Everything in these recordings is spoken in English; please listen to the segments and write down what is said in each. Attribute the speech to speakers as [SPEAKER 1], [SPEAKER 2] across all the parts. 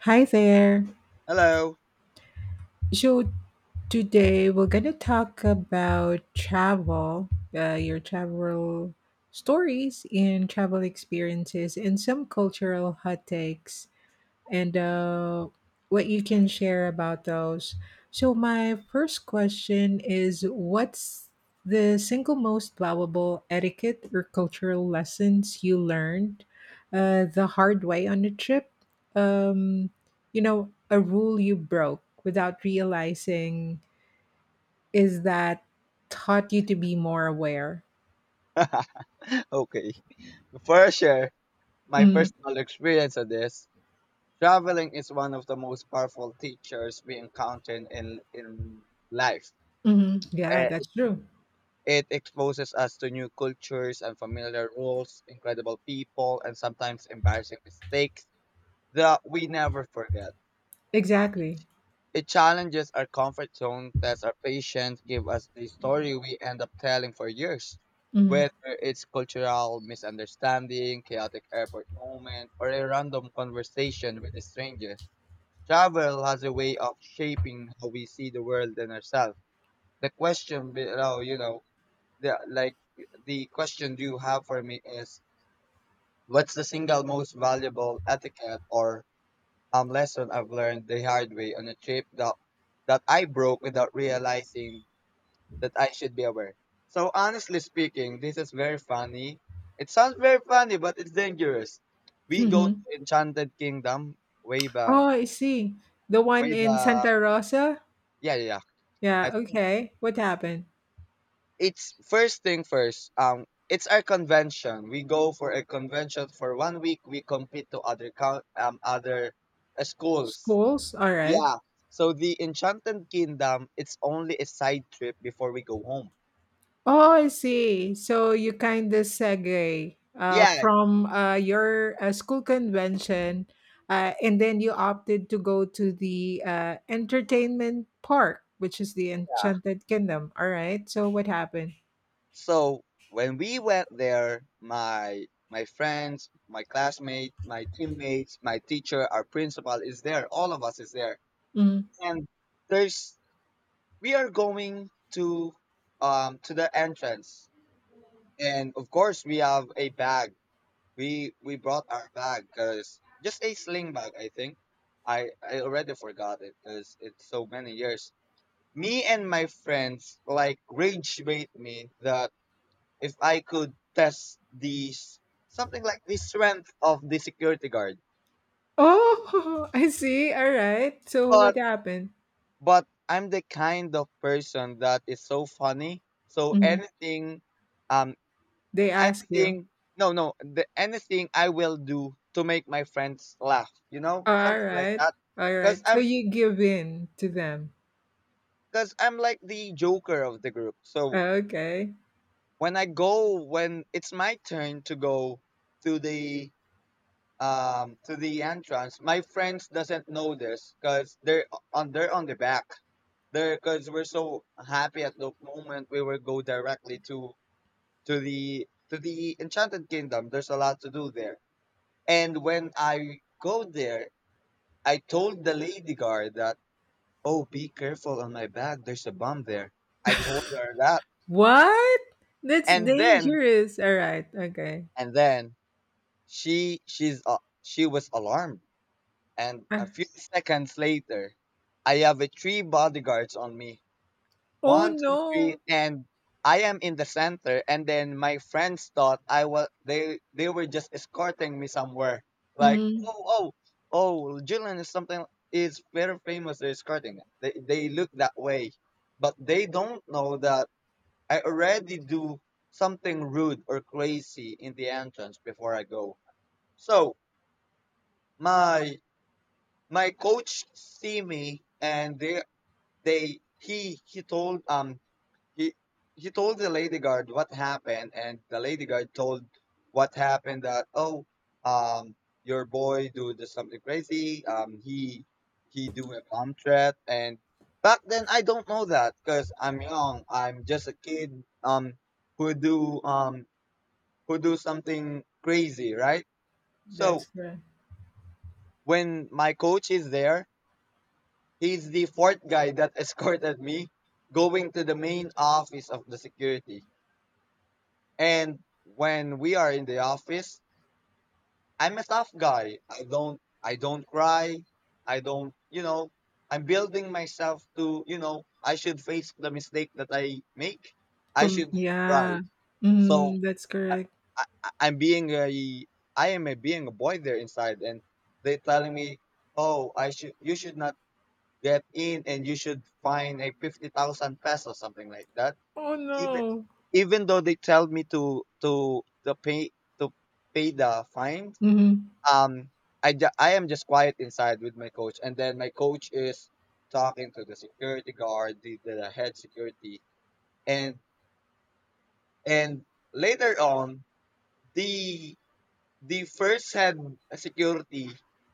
[SPEAKER 1] Hi there.
[SPEAKER 2] Hello.
[SPEAKER 1] So today we're gonna talk about travel, your travel stories and travel experiences, and some cultural hot takes and what you can share about those. So, my first question is: what's the single most valuable etiquette or cultural lessons you learned the hard way on the trip? Um, you know, a rule you broke without realizing is that taught you to be more aware.
[SPEAKER 2] Okay. For sure, my
[SPEAKER 1] Mm,
[SPEAKER 2] personal experience of this, traveling is one of the most powerful teachers we encounter in life.
[SPEAKER 1] mhm. Yeah,
[SPEAKER 2] Eh,
[SPEAKER 1] that's
[SPEAKER 2] It,
[SPEAKER 1] true.
[SPEAKER 2] it exposes us to new cultures, unfamiliar rules, incredible people, and sometimes embarrassing mistakes that we never forget.
[SPEAKER 1] Exactly.
[SPEAKER 2] It challenges our comfort zone, tests our patience, give us the story we end up telling for years.
[SPEAKER 1] Mm-hmm.
[SPEAKER 2] Whether it's cultural misunderstanding, chaotic airport moment, or a random conversation with a stranger, travel has a way of shaping how we see the world and ourselves. The question below, you know, the like the question you have for me is, what's the single most valuable etiquette or lesson I've learned the hard way on a trip that I broke without realizing that I should be aware. So honestly speaking, this is very funny. It sounds very funny, but it's dangerous. We go to Enchanted Kingdom way back,
[SPEAKER 1] Oh, I see. The one
[SPEAKER 2] way
[SPEAKER 1] in
[SPEAKER 2] back.
[SPEAKER 1] Santa Rosa?
[SPEAKER 2] Yeah, yeah, yeah.
[SPEAKER 1] Yeah,
[SPEAKER 2] I think
[SPEAKER 1] okay. What happened?
[SPEAKER 2] it's first thing first. It's our convention. We go for a convention for 1 week. We compete to other other schools.
[SPEAKER 1] Schools? All right.
[SPEAKER 2] Yeah. So the Enchanted Kingdom, it's only a side trip before we go home.
[SPEAKER 1] Oh, I see. So you kind of segue
[SPEAKER 2] Yeah,
[SPEAKER 1] from your school convention, and then you opted to go to the entertainment park, which is the
[SPEAKER 2] yeah.
[SPEAKER 1] Enchanted Kingdom. All right. So what happened?
[SPEAKER 2] So when we went there, my friends, my classmates, my teammates, my teacher, our principal is there. All of us is there.
[SPEAKER 1] Mhm.
[SPEAKER 2] And there's we are going to the entrance. And of course we have a bag. We brought our bag because just a sling bag, I think. I already forgot it because it's so many years. Me and my friends like rage bait me that if I could test these something like the strength of the security guard.
[SPEAKER 1] Oh, I see. All right. So what
[SPEAKER 2] But
[SPEAKER 1] happened?
[SPEAKER 2] but I'm the kind of person that is so funny. So
[SPEAKER 1] Mhm.
[SPEAKER 2] anything um
[SPEAKER 1] They asked you.
[SPEAKER 2] anything no no the anything I will do to make my friends laugh, you know,
[SPEAKER 1] All
[SPEAKER 2] something like
[SPEAKER 1] right.
[SPEAKER 2] that.
[SPEAKER 1] All right.
[SPEAKER 2] because
[SPEAKER 1] So
[SPEAKER 2] i'm
[SPEAKER 1] you give in to them.
[SPEAKER 2] because i'm like the joker of the group. So
[SPEAKER 1] Okay.
[SPEAKER 2] when I go when it's my turn to go to the to the entrance, my friends doesn't know this because they're on the back. They're Because we're so happy at the moment, we will go directly to to the Enchanted Kingdom. There's a lot to do there. And when I go there, I told the lady guard that, "Oh, be careful on my bag. There's a bomb there." I told her that,
[SPEAKER 1] What? That's
[SPEAKER 2] and then
[SPEAKER 1] dangerous. All right. Okay.
[SPEAKER 2] and then she was alarmed. And a
[SPEAKER 1] Ah,
[SPEAKER 2] few seconds later, I have a three bodyguards on me,
[SPEAKER 1] oh
[SPEAKER 2] one, two, three,
[SPEAKER 1] no.
[SPEAKER 2] and I am in the center. And then my friends thought I was they were just escorting me somewhere. Like,
[SPEAKER 1] Mm,
[SPEAKER 2] oh, Julian is something, is very famous. They're escorting. They look that way, but they don't know that I already do something rude or crazy in the entrance before I go. So my my coach see me, and they he told he he told the lady guard what happened, and the lady guard told what happened, that, "Oh, um your boy do the something crazy. He do a bomb threat." And back then I don't know that because I'm young, I'm just a kid, who do um who do something crazy, right?
[SPEAKER 1] that's
[SPEAKER 2] So
[SPEAKER 1] correct.
[SPEAKER 2] when my coach is there, he's the fourth guy that escorted me going to the main office of the security. And when we are in the office, I'm a tough guy. I don't cry. I don't, you know, I'm building myself to, you know, I should face the mistake that I make. I should not
[SPEAKER 1] Yeah.
[SPEAKER 2] cry. So
[SPEAKER 1] That's
[SPEAKER 2] I,
[SPEAKER 1] correct.
[SPEAKER 2] I'm being a I am a being a boy there inside, and they telling me, "Oh, I should you should not get in, and you should find a 50,000 pesos something like that."
[SPEAKER 1] Oh
[SPEAKER 2] even
[SPEAKER 1] no.
[SPEAKER 2] even though they tell me to pay the fine,
[SPEAKER 1] Mm-hmm.
[SPEAKER 2] um I am just quiet inside with my coach, and then my coach is talking to the security guard, the head security, and and later on, the the first head security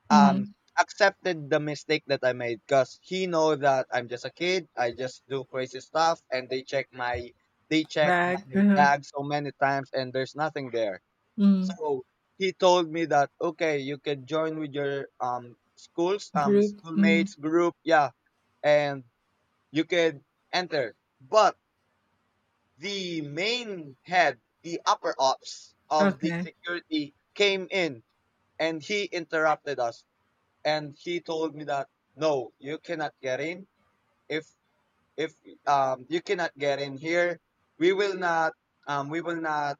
[SPEAKER 2] um
[SPEAKER 1] Mm-hmm.
[SPEAKER 2] accepted the mistake that I made because he know that I'm just a kid. I just do crazy stuff, and they check my, they check
[SPEAKER 1] Bag.
[SPEAKER 2] my
[SPEAKER 1] Uh-huh.
[SPEAKER 2] bag so many times, and there's nothing there.
[SPEAKER 1] Mm,
[SPEAKER 2] So he told me that, "Okay, you can join with your schools
[SPEAKER 1] group. Mm-hmm.
[SPEAKER 2] schoolmates group," yeah, and you can enter. But the main head, the upper ops of the
[SPEAKER 1] Okay.
[SPEAKER 2] security came in, and he interrupted us, and he told me that no, you cannot get in. If if You cannot get in here. we will not we will not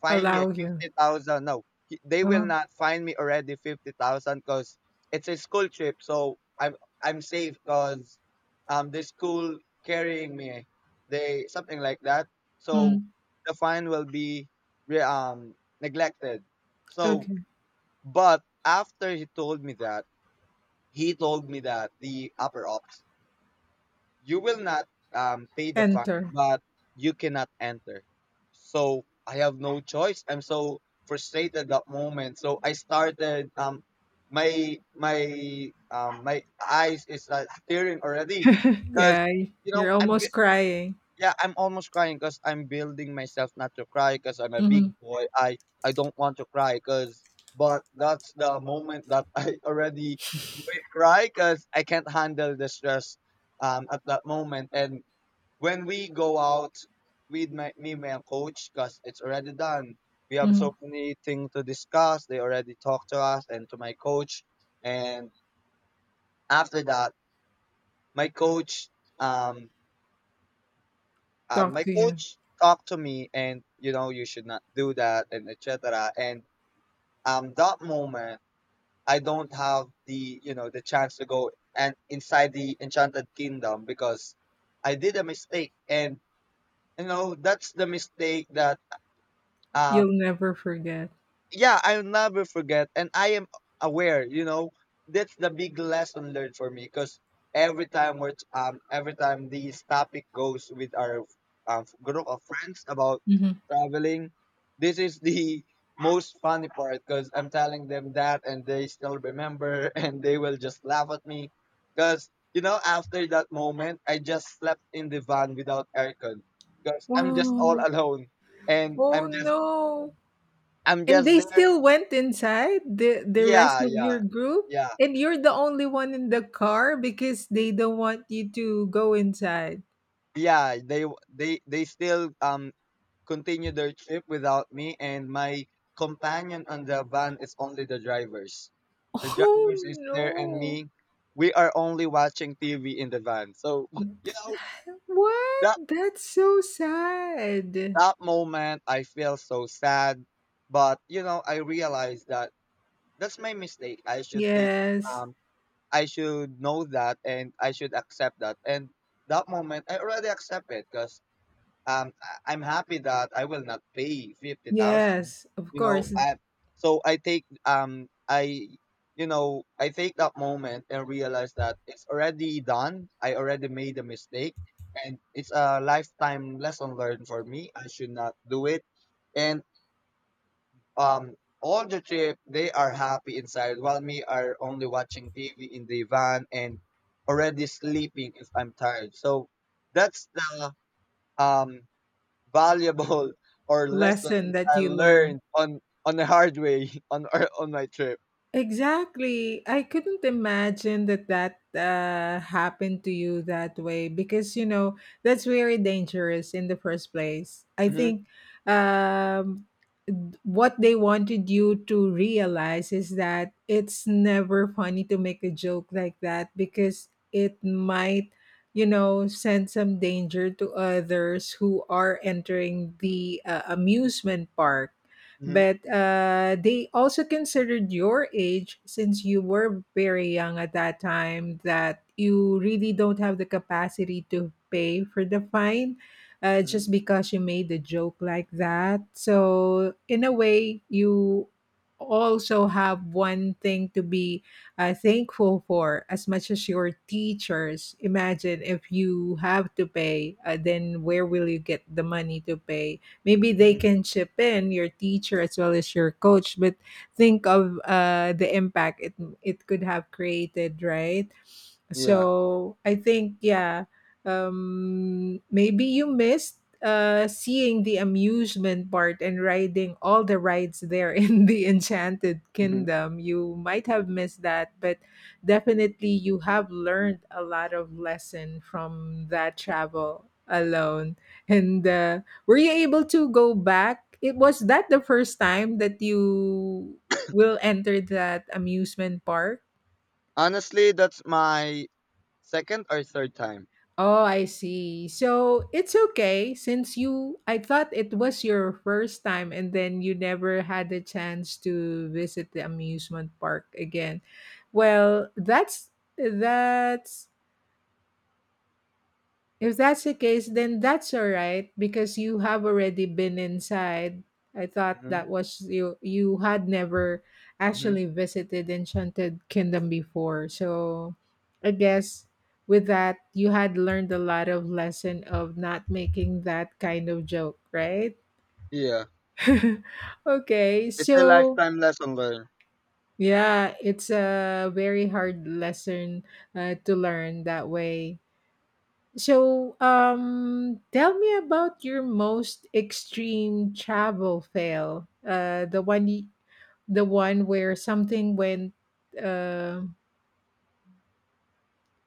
[SPEAKER 2] fine you
[SPEAKER 1] Allow you.
[SPEAKER 2] 50,000. No, he, they will
[SPEAKER 1] Oh.
[SPEAKER 2] not fine me already 50,000, cuz it's a school trip, so I'm safe, cuz the school carrying me, they something like that. So
[SPEAKER 1] Mm,
[SPEAKER 2] the fine will be re- um neglected. So
[SPEAKER 1] okay.
[SPEAKER 2] but after he told me that, he told me that the upper ops, you will not pay the fine,
[SPEAKER 1] Enter.
[SPEAKER 2] but you cannot enter. So I have no choice. I'm so frustrated that moment. So I started my eyes is tearing already because,
[SPEAKER 1] Yeah.
[SPEAKER 2] you know,
[SPEAKER 1] You're
[SPEAKER 2] I'm
[SPEAKER 1] almost crying.
[SPEAKER 2] yeah, I'm almost crying because I'm building myself not to cry because I'm a big
[SPEAKER 1] Mm-hmm.
[SPEAKER 2] boy. I don't want to cry because, but that's the moment that I already will cry because I can't handle the stress at that moment. And when we go out with my me and my coach because it's already done. We have so
[SPEAKER 1] Mm-hmm.
[SPEAKER 2] many things to discuss. They already talked to us and to my coach. And after that, my coach um
[SPEAKER 1] Talk
[SPEAKER 2] my
[SPEAKER 1] to you.
[SPEAKER 2] coach talked to me, and, you know, you should not do that and etc. And that moment I don't have the, you know, the chance to go and inside the Enchanted Kingdom because I did a mistake, and, you know, that's the mistake that um
[SPEAKER 1] You'll never forget.
[SPEAKER 2] yeah, I'll never forget. And I am aware, you know, that's the big lesson learned for me because every time we're, every time this topic goes with our group of friends about
[SPEAKER 1] Mhm.
[SPEAKER 2] traveling, this is the most funny part because I'm telling them that, and they still remember and they will just laugh at me because, you know, after that moment, I just slept in the van without aircon because I'm just all
[SPEAKER 1] Wow.
[SPEAKER 2] alone and
[SPEAKER 1] Oh, no.
[SPEAKER 2] I'm
[SPEAKER 1] And
[SPEAKER 2] just
[SPEAKER 1] they
[SPEAKER 2] there.
[SPEAKER 1] still went inside, the rest
[SPEAKER 2] yeah,
[SPEAKER 1] of
[SPEAKER 2] yeah,
[SPEAKER 1] your group,
[SPEAKER 2] yeah,
[SPEAKER 1] and you're the only one in the car because they don't want you to go inside.
[SPEAKER 2] yeah. They still continue their trip without me, and my companion on the van is only the drivers. The
[SPEAKER 1] Oh,
[SPEAKER 2] drivers is there, and
[SPEAKER 1] no.
[SPEAKER 2] me. We are only watching TV in the van. So you know that
[SPEAKER 1] What? That's so sad.
[SPEAKER 2] that moment, I feel so sad. But you know, I realize that that's my mistake. I should take
[SPEAKER 1] Yes.
[SPEAKER 2] um, I should know that, and I should accept that. And that moment, I already accept it, 'cause I- I'm happy that I will not pay 50,000.
[SPEAKER 1] Yes, of
[SPEAKER 2] You know,
[SPEAKER 1] course.
[SPEAKER 2] so I take I you know, I take that moment and realize that it's already done. I already made a mistake, and it's a lifetime lesson learned for me. I should not do it. And um, all the trip they are happy inside, while me are only watching TV in the van and already sleeping if I'm tired. So that's the um valuable or lesson
[SPEAKER 1] Lesson that
[SPEAKER 2] I
[SPEAKER 1] you learned.
[SPEAKER 2] learned on the hard way on my trip.
[SPEAKER 1] Exactly. I couldn't imagine that happened to you that way because, you know, that's very dangerous in the first place. I
[SPEAKER 2] hmm
[SPEAKER 1] think um, what they wanted you to realize is that it's never funny to make a joke like that because it might, you know, send some danger to others who are entering the amusement park,
[SPEAKER 2] hmm
[SPEAKER 1] but they also considered your age, since you were very young at that time, that you really don't have the capacity to pay for the fine
[SPEAKER 2] hmm
[SPEAKER 1] just because you made a joke like that. So, in a way, you also have one thing to be thankful for as much as your teachers. Imagine if you have to pay, then where will you get the money to pay? Maybe they
[SPEAKER 2] hmm
[SPEAKER 1] can chip in your teacher as well as your coach, but think of the impact it could have created, right?
[SPEAKER 2] Yeah.
[SPEAKER 1] So I think, yeah, maybe you missed seeing the amusement part and riding all the rides there in the Enchanted
[SPEAKER 2] hmm
[SPEAKER 1] Kingdom. You might have missed that, but definitely you have learned a lot of lesson from that travel alone. And were you able to go back? It was that the first time that you will enter that amusement park?
[SPEAKER 2] Honestly, that's my second or third time.
[SPEAKER 1] Oh, I see. So it's okay since you, I thought it was your first time and then you never had a chance to visit the amusement park again. Well, that's If that's the case, then that's all right because you have already been inside. I thought
[SPEAKER 2] hmm
[SPEAKER 1] that was you had never
[SPEAKER 2] hmm
[SPEAKER 1] actually visited Enchanted Kingdom before. So I guess with that you had learned a lot of lesson of not making that kind of joke, right?
[SPEAKER 2] Yeah,
[SPEAKER 1] Okay.
[SPEAKER 2] it's a
[SPEAKER 1] So
[SPEAKER 2] lifetime lesson learned.
[SPEAKER 1] yeah, it's a very hard lesson to learn that way. So, tell me about your most extreme travel fail. The one where something went uh,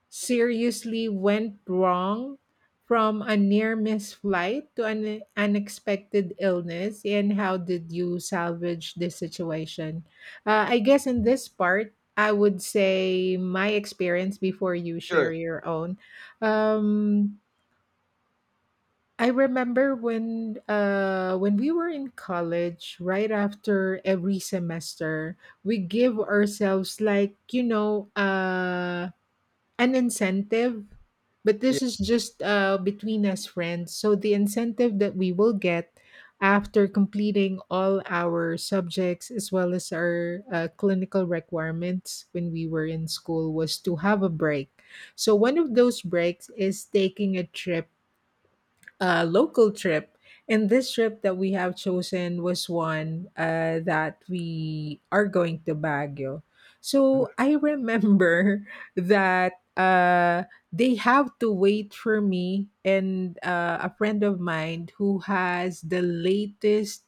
[SPEAKER 1] seriously went wrong, from a near miss flight to an unexpected illness, and how did you salvage this situation? I guess in this part, I would say my experience before you share
[SPEAKER 2] Sure.
[SPEAKER 1] your own. Um, I remember when we were in college, right after every semester, we give ourselves like you know an incentive, but
[SPEAKER 2] Yeah.
[SPEAKER 1] this is just between us friends. So the incentive that we will get after completing all our subjects as well as our clinical requirements when we were in school was to have a break. So one of those breaks is taking a trip, local trip. And this trip that we have chosen was one that we are going to Baguio. So
[SPEAKER 2] hmm
[SPEAKER 1] I remember that they have to wait for me and a friend of mine who has the latest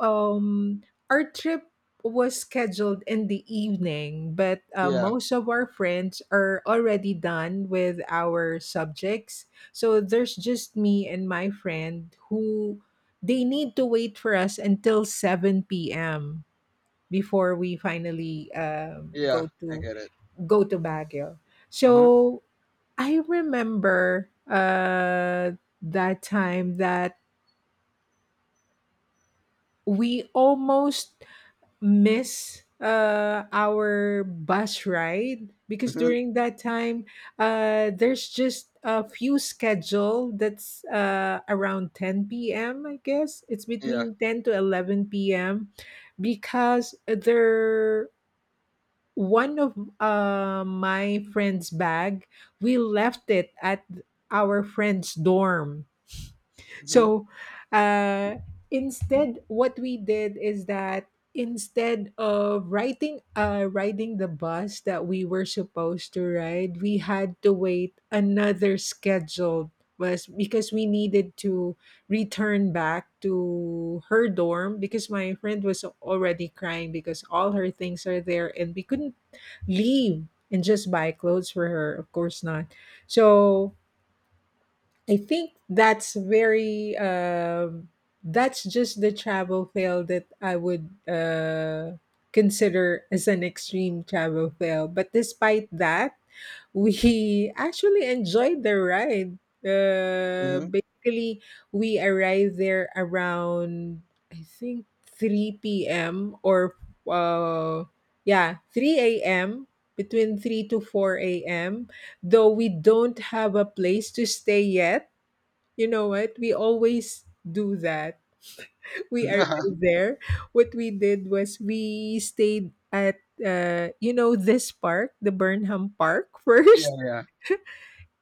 [SPEAKER 1] um our trip was scheduled in the evening, but
[SPEAKER 2] Yeah.
[SPEAKER 1] most of our friends are already done with our subjects, so there's just me and my friend who they need to wait for us until 7 p.m before we finally
[SPEAKER 2] Yeah,
[SPEAKER 1] go
[SPEAKER 2] I
[SPEAKER 1] to
[SPEAKER 2] get it.
[SPEAKER 1] go to Baguio.
[SPEAKER 2] hmm
[SPEAKER 1] So I remember that time that we almost miss our bus ride because
[SPEAKER 2] hmm
[SPEAKER 1] during that time there's just a few schedule that's around 10 p.m, I guess it's
[SPEAKER 2] Yeah.
[SPEAKER 1] between 10 to 11 p.m because there one of my friend's bag, we left it at our friend's dorm.
[SPEAKER 2] hmm
[SPEAKER 1] So uh, instead, what we did is that instead of riding, riding the bus that we were supposed to ride, we had to wait another scheduled was because we needed to return back to her dorm because my friend was already crying because all her things are there and we couldn't leave and just buy clothes for her, of course not. So I think that's very that's just the travel fail that I would consider as an extreme travel fail. But despite that, we actually enjoyed the ride.
[SPEAKER 2] hmm
[SPEAKER 1] Basically, we arrived there around I think three p.m. or uh, yeah, three a.m. Between three to four a.m. Though we don't have a place to stay yet. You know what? We always do that. We are
[SPEAKER 2] yeah.
[SPEAKER 1] right there. What we did was we stayed at you know this park, the Burnham Park, first
[SPEAKER 2] Yeah.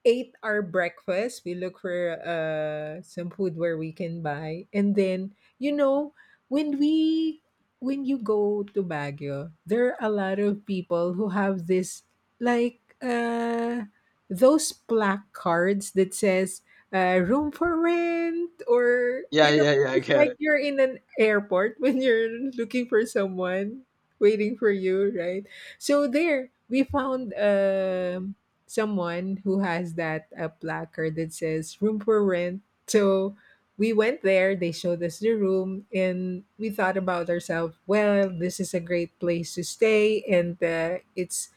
[SPEAKER 1] ate our breakfast. We look for some food where we can buy. And then, you know, when we when you go to Baguio, there are a lot of people who have this like uh those placards that says room for rent, or
[SPEAKER 2] Yeah.
[SPEAKER 1] you know,
[SPEAKER 2] Yeah. Yeah, I
[SPEAKER 1] just
[SPEAKER 2] get
[SPEAKER 1] like
[SPEAKER 2] it.
[SPEAKER 1] you're in an airport when you're looking for someone waiting for you, right? So there we found someone who has that placard that says room for rent. So we went there, they showed us the room, and we thought about ourselves, well, this is a great place to stay, and it's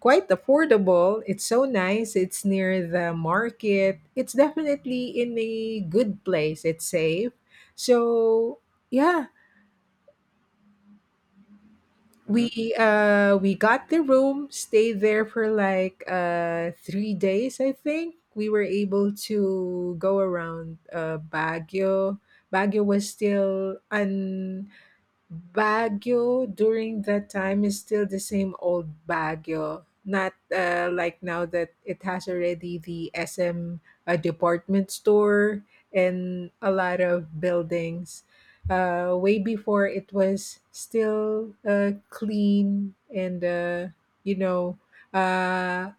[SPEAKER 1] quite affordable. It's so nice. It's near the market. It's definitely in a good place. It's safe. So, yeah,
[SPEAKER 2] hmm
[SPEAKER 1] we got the room, stayed there for like 3 days. I think we were able to go around baguio was still un Baguio during that time is still the same old Baguio, not like now that it has already the SM department store and a lot of buildings. Way before it was still clean and you know uh,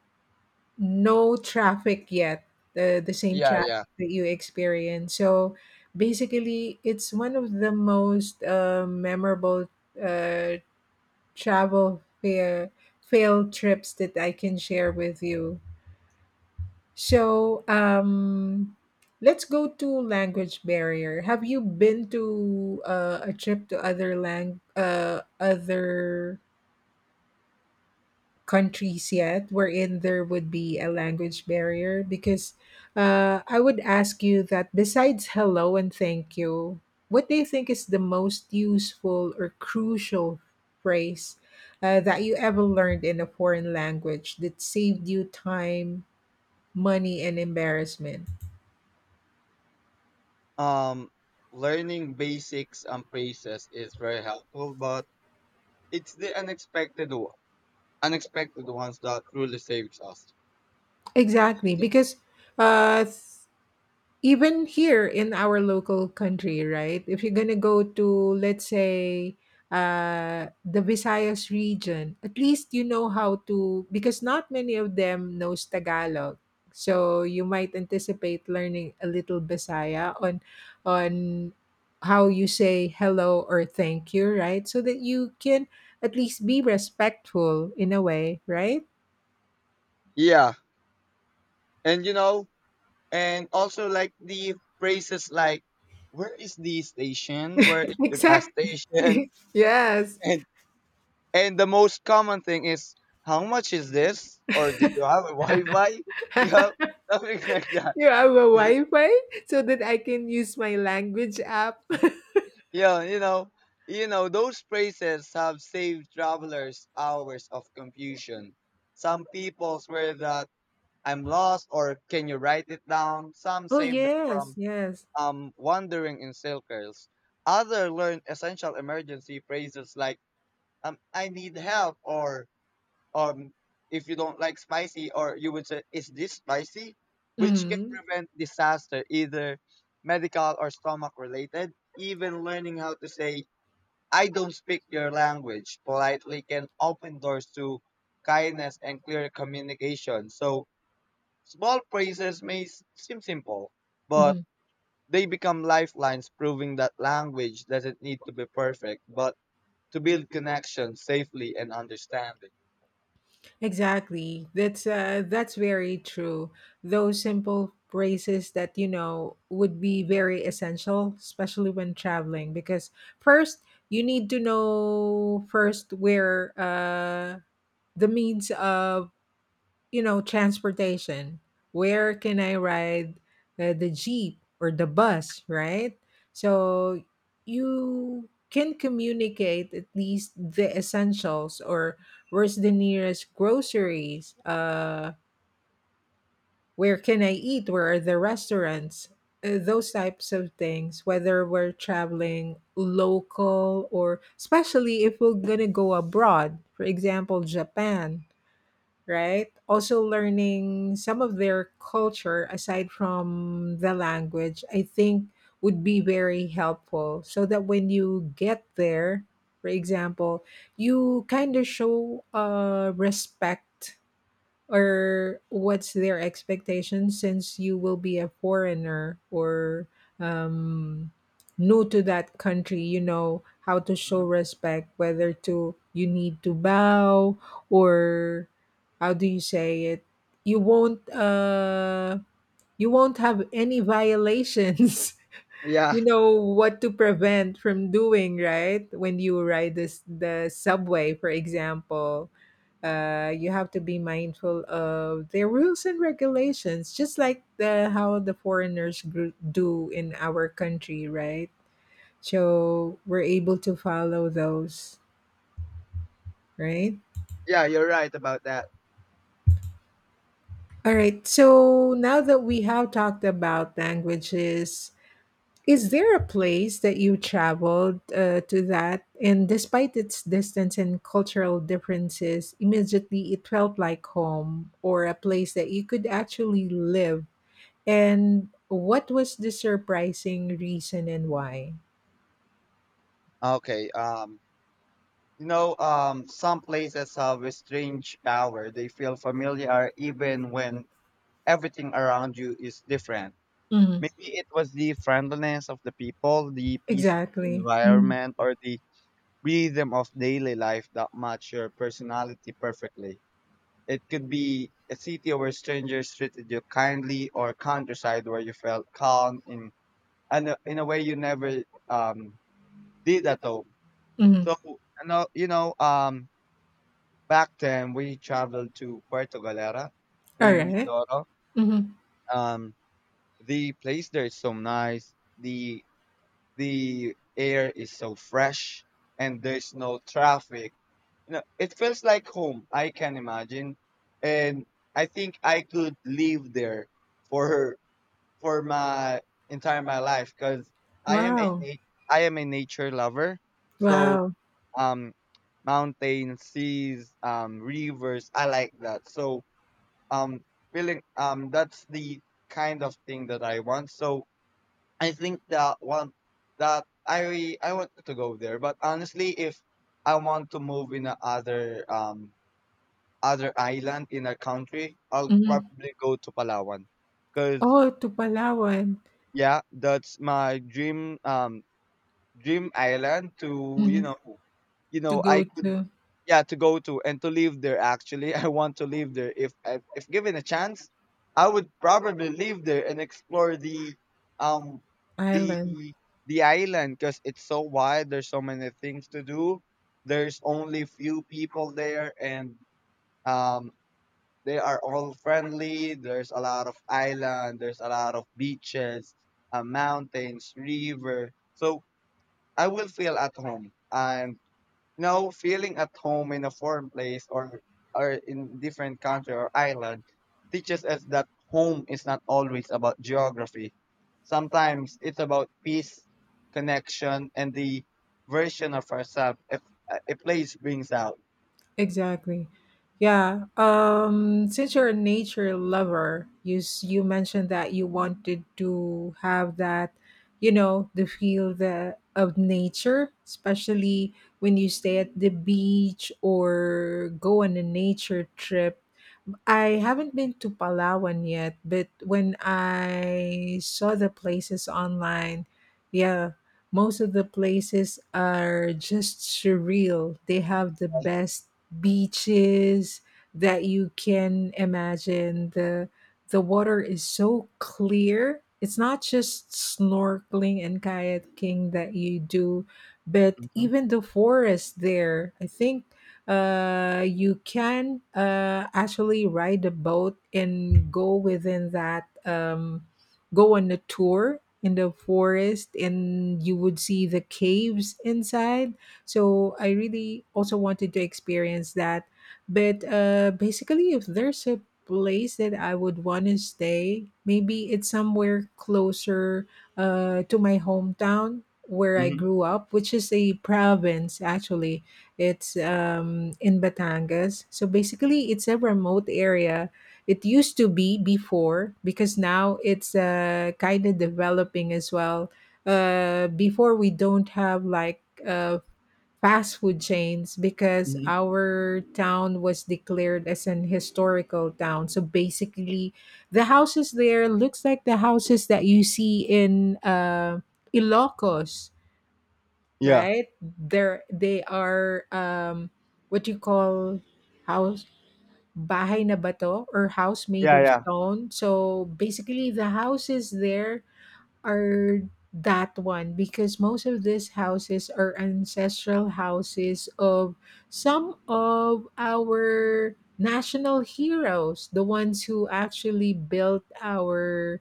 [SPEAKER 1] no traffic yet, the same
[SPEAKER 2] Yeah. Yeah.
[SPEAKER 1] traffic that you experience. So basically, it's one of the most memorable uh, travel fair fail trips that I can share with you. So let's go to language barrier. Have you been to a trip to other countries yet wherein there would be a language barrier? Because I would ask you that besides hello and thank you, what do you think is the most useful or crucial phrase that you ever learned in a foreign language that saved you time, money, and embarrassment?
[SPEAKER 2] Um, Learning basics and phrases is very helpful, but it's the unexpected one, unexpected ones that truly saves us.
[SPEAKER 1] Exactly. Because uh, even here in our local country, right? If you're gonna go to, let's say, the Visayas region, at least you know how to, because not many of them knows Tagalog. So you might anticipate learning a little Bisaya on how you say hello or thank you, right? So that you can at least be respectful in a way, right?
[SPEAKER 2] Yeah, and you know, and also like the phrases like, "Where is the station? Where is the bus
[SPEAKER 1] Exactly.
[SPEAKER 2] station?"
[SPEAKER 1] Yes.
[SPEAKER 2] And and the most common thing is, "How much is this?" Or, "Do you have a Wi-Fi?" Yeah, something like that.
[SPEAKER 1] You have a Wi-Fi so that I can use my language app.
[SPEAKER 2] Yeah, you know, you know, those phrases have saved travelers hours of confusion. Some people swear that, "I'm lost," or, "Can you write it down?" Some
[SPEAKER 1] Oh
[SPEAKER 2] save them
[SPEAKER 1] yes,
[SPEAKER 2] from
[SPEAKER 1] yes.
[SPEAKER 2] wandering in circles. Other learn essential emergency phrases like "I need help," or um if you don't like spicy, or you would say, "Is this spicy?" Which can
[SPEAKER 1] Mhm,
[SPEAKER 2] prevent disaster either medical or stomach related. Even learning how to say, "I don't speak your language," politely can open doors to kindness and clear communication. So small phrases may seem simple, but
[SPEAKER 1] mhm.
[SPEAKER 2] they become lifelines, proving that language doesn't need to be perfect, but to build connection safely and understanding.
[SPEAKER 1] Exactly. That's very true. Those simple phrases that you know would be very essential, especially when traveling, because first you need to know first where the means of, you know, transportation. Where can I ride the jeep or the bus, right? So you can communicate at least the essentials, or where's the nearest groceries, where can I eat, where are the restaurants, those types of things, whether we're traveling local or especially if we're going to go abroad, for example, Japan, right? Also, learning some of their culture aside from the language, I think would be very helpful so that when you get there, for example, you kind of show respect, or what's their expectation since you will be a foreigner or um, new to that country. You know how to show
[SPEAKER 2] Mhm.
[SPEAKER 1] respect, whether to you need to bow or how do you say it, you won't uh you won't have any violations.
[SPEAKER 2] Yeah,
[SPEAKER 1] You know what to prevent from doing, right? When you ride this the subway, for example, you have to be mindful of their rules and regulations, just like the how the foreigners do in our country, right? So we're able to follow those, right?
[SPEAKER 2] yeah, you're right about that.
[SPEAKER 1] All right. So now that we have talked about languages, is there a place that you traveled to that, and despite its distance and cultural differences, immediately it felt like home, or a place that you could actually live? And what was the surprising reason and why?
[SPEAKER 2] Okay, some places have a strange power. They feel familiar even when everything around you is different.
[SPEAKER 1] Mhm,
[SPEAKER 2] Maybe it was the friendliness of the people, the peace
[SPEAKER 1] exactly. Mhm,
[SPEAKER 2] environment, or the rhythm of daily life that matched your personality perfectly. It could be a city where strangers treated you kindly, or countryside where you felt calm in a way you never um, did at home.
[SPEAKER 1] mhm,
[SPEAKER 2] So know, you know, um, back then we traveled to Puerto Galera in
[SPEAKER 1] alright.
[SPEAKER 2] Mindoro.
[SPEAKER 1] Mhm.
[SPEAKER 2] Um, the place there is so nice. The air is so fresh and there's no traffic. It feels like home. I can imagine. And I think I could live there for for my entire my life because i am a
[SPEAKER 1] Wow,
[SPEAKER 2] na- I am a nature lover. So,
[SPEAKER 1] wow.
[SPEAKER 2] um mountains, seas, rivers, I like that. So, um feeling, that's the kind of thing that I want. So I think that one, that I want to go there. But honestly, if I want to move in a other island in a country, I'll
[SPEAKER 1] Mhm.
[SPEAKER 2] probably go to Palawan, cause
[SPEAKER 1] Oh, to Palawan.
[SPEAKER 2] yeah, that's my dream island to,
[SPEAKER 1] Mhm, to go
[SPEAKER 2] I could,
[SPEAKER 1] to
[SPEAKER 2] yeah, to go to and to live there, actually. I want to live there, if, given a chance. I would probably live there and explore um the
[SPEAKER 1] island.
[SPEAKER 2] the island because it's so wide. There's so many things to do. There's only few people there, and um they are all friendly. There's a lot of island, there's a lot of beaches, mountains, river. So I will feel at home. And you feeling at home in a foreign place, or in different country or island, teaches us that home is not always about geography. Sometimes it's about peace, connection, and the version of ourselves a place brings out.
[SPEAKER 1] Exactly. Yeah. Since you're a nature lover, you mentioned that you wanted to have that, you know, the feel the of nature, especially when you stay at the beach or go on a nature trip. I haven't been to Palawan yet, but when I saw the places online, yeah, most of the places are just surreal. They have the best beaches that you can imagine. The water is so clear. It's not just snorkeling and kayaking that you do, but
[SPEAKER 2] Mhm,
[SPEAKER 1] even the forest there. I think you can actually ride a boat and go within that go on a tour in the forest, and you would see the caves inside. So I really also wanted to experience that, but basically, if there's a place that I would want to stay, maybe it's somewhere closer to my hometown, where I
[SPEAKER 2] mhm,
[SPEAKER 1] grew up, which is a province actually. It's, in Batangas. So basically, it's a remote area. It used to be before, because now it's kind of developing as well. Before, we don't have like fast food chains, because
[SPEAKER 2] mhm.
[SPEAKER 1] our town was declared as an historical town. So basically, the houses there looks like the houses that you see in Ilocos,
[SPEAKER 2] Yeah,
[SPEAKER 1] right? They are what you call, house, bahay na bato, or house made
[SPEAKER 2] yeah,
[SPEAKER 1] of
[SPEAKER 2] yeah,
[SPEAKER 1] stone. So basically the houses there are that one, because most of these houses are ancestral houses of some of our national heroes. The ones who actually built our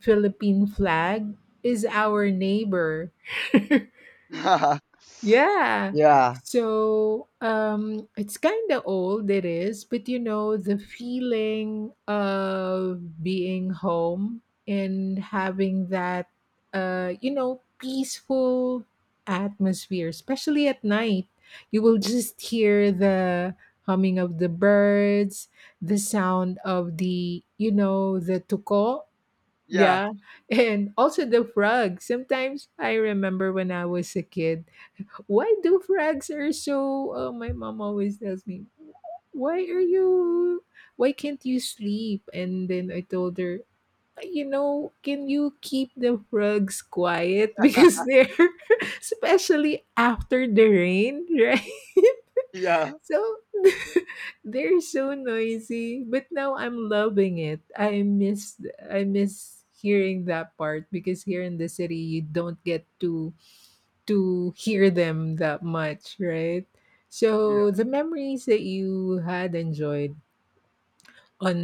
[SPEAKER 1] Philippine flag is our neighbor. Yeah.
[SPEAKER 2] yeah,
[SPEAKER 1] So it's kind of old it is, but you know the feeling of being home and having that you know, peaceful atmosphere, especially at night. You will just hear the humming of the birds, the sound of the, you know, the tuko,
[SPEAKER 2] yeah,
[SPEAKER 1] yeah, and also the frogs. Sometimes I remember when I was a kid, why do frogs are so my mom always tells me, why are you, why can't you sleep? And then I told her, you know, can you keep the frogs quiet? Because they're, especially after the rain, right?
[SPEAKER 2] yeah,
[SPEAKER 1] So they're so noisy, but now I'm loving it. I miss hearing that part, because here in the city you don't get to hear them that much, right? So
[SPEAKER 2] yeah.
[SPEAKER 1] the memories that you had enjoyed on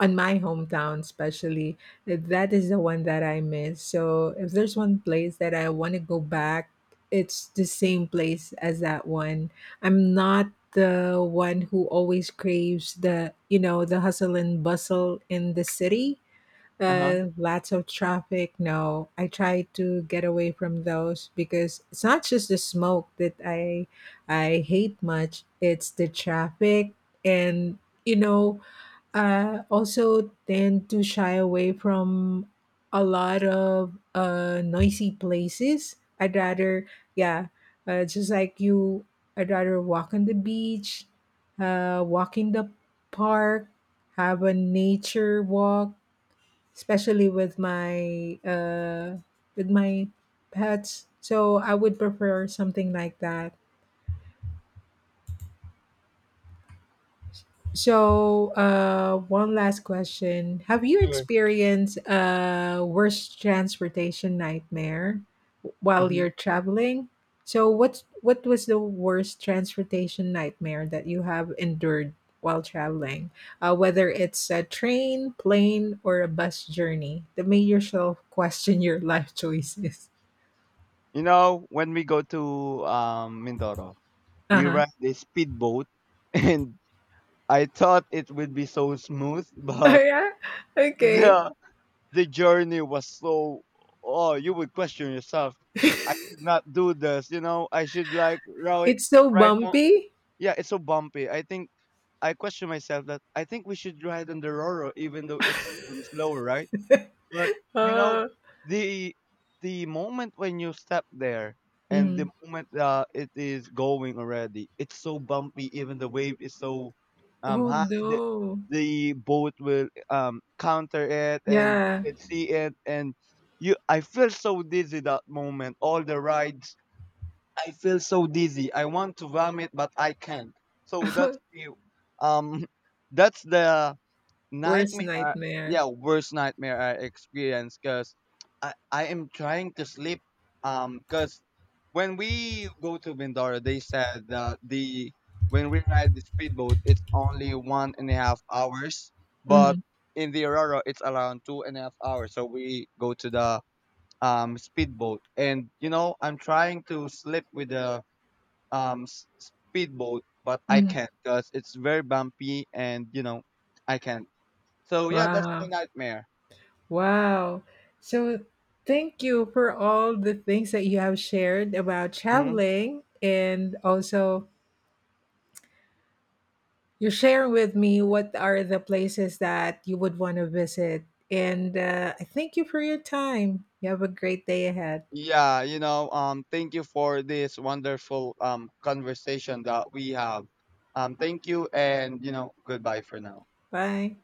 [SPEAKER 1] on my hometown especially, that is the one that I miss. So if there's one place that I want to go back, it's the same place as that one. I'm not the one who always craves the, you know, the hustle and bustle in the city.
[SPEAKER 2] Uh huh.
[SPEAKER 1] Lots of traffic. No, I try to get away from those, because it's not just the smoke that I hate much. It's the traffic, and you know, also tend to shy away from a lot of noisy places. I'd rather, yeah, just like you, I'd rather walk on the beach, walk in the park, have a nature walk, especially with my pets. So I would prefer something like that. So one last question: have you
[SPEAKER 2] Sure.
[SPEAKER 1] experienced a worst transportation nightmare while
[SPEAKER 2] Hmm.
[SPEAKER 1] you're traveling? So what was the worst transportation nightmare that you have endured while traveling, whether it's a train, plane, or a bus journey, the major yourself question your life choices?
[SPEAKER 2] You know, when we go to Mindoro, we
[SPEAKER 1] Uh-huh.
[SPEAKER 2] ride a speedboat, and I thought it would be so smooth,
[SPEAKER 1] Oh,
[SPEAKER 2] but
[SPEAKER 1] yeah? Okay.
[SPEAKER 2] the the journey was so. Oh, you would question yourself. I should not do this. You know, I should like ride
[SPEAKER 1] It's so
[SPEAKER 2] ride. on-
[SPEAKER 1] bumpy?
[SPEAKER 2] Yeah, it's so bumpy. I think I question myself that I think we should ride on the Roro, even though it's slower, right? But, you know,
[SPEAKER 1] Uh,
[SPEAKER 2] the the moment when you step there, and the
[SPEAKER 1] mhm.
[SPEAKER 2] moment it is going already, it's so bumpy. Even the wave is so
[SPEAKER 1] Oh,
[SPEAKER 2] high that
[SPEAKER 1] no.
[SPEAKER 2] the boat will counter it, and
[SPEAKER 1] Yeah.
[SPEAKER 2] you can see it. And I feel so dizzy that moment. All the rides, I feel so dizzy. I want to vomit, but I can't. So that's the um, that's the
[SPEAKER 1] Worst
[SPEAKER 2] nightmare,
[SPEAKER 1] nightmare.
[SPEAKER 2] yeah, worst nightmare I experienced because I am trying to sleep. Because when we go to Mindoro, they said that the when we ride the speedboat, it's only 1.5 hours, but
[SPEAKER 1] Mhm,
[SPEAKER 2] in the Aurora, it's around 2.5 hours. So we go to the speedboat, and, I'm trying to sleep with the um s- speedboat, but I
[SPEAKER 1] mhm.
[SPEAKER 2] can't because it's very bumpy, and, I can't. So yeah, that's my
[SPEAKER 1] Wow.
[SPEAKER 2] nightmare.
[SPEAKER 1] Wow. So, thank you for all the things that you have shared about
[SPEAKER 2] Hmm.
[SPEAKER 1] traveling, and also you share with me what are the places that you would want to visit. And I thank you for your time. You have a great day ahead.
[SPEAKER 2] Yeah, thank you for this wonderful conversation that we have. Thank you, and, goodbye for now.
[SPEAKER 1] Bye.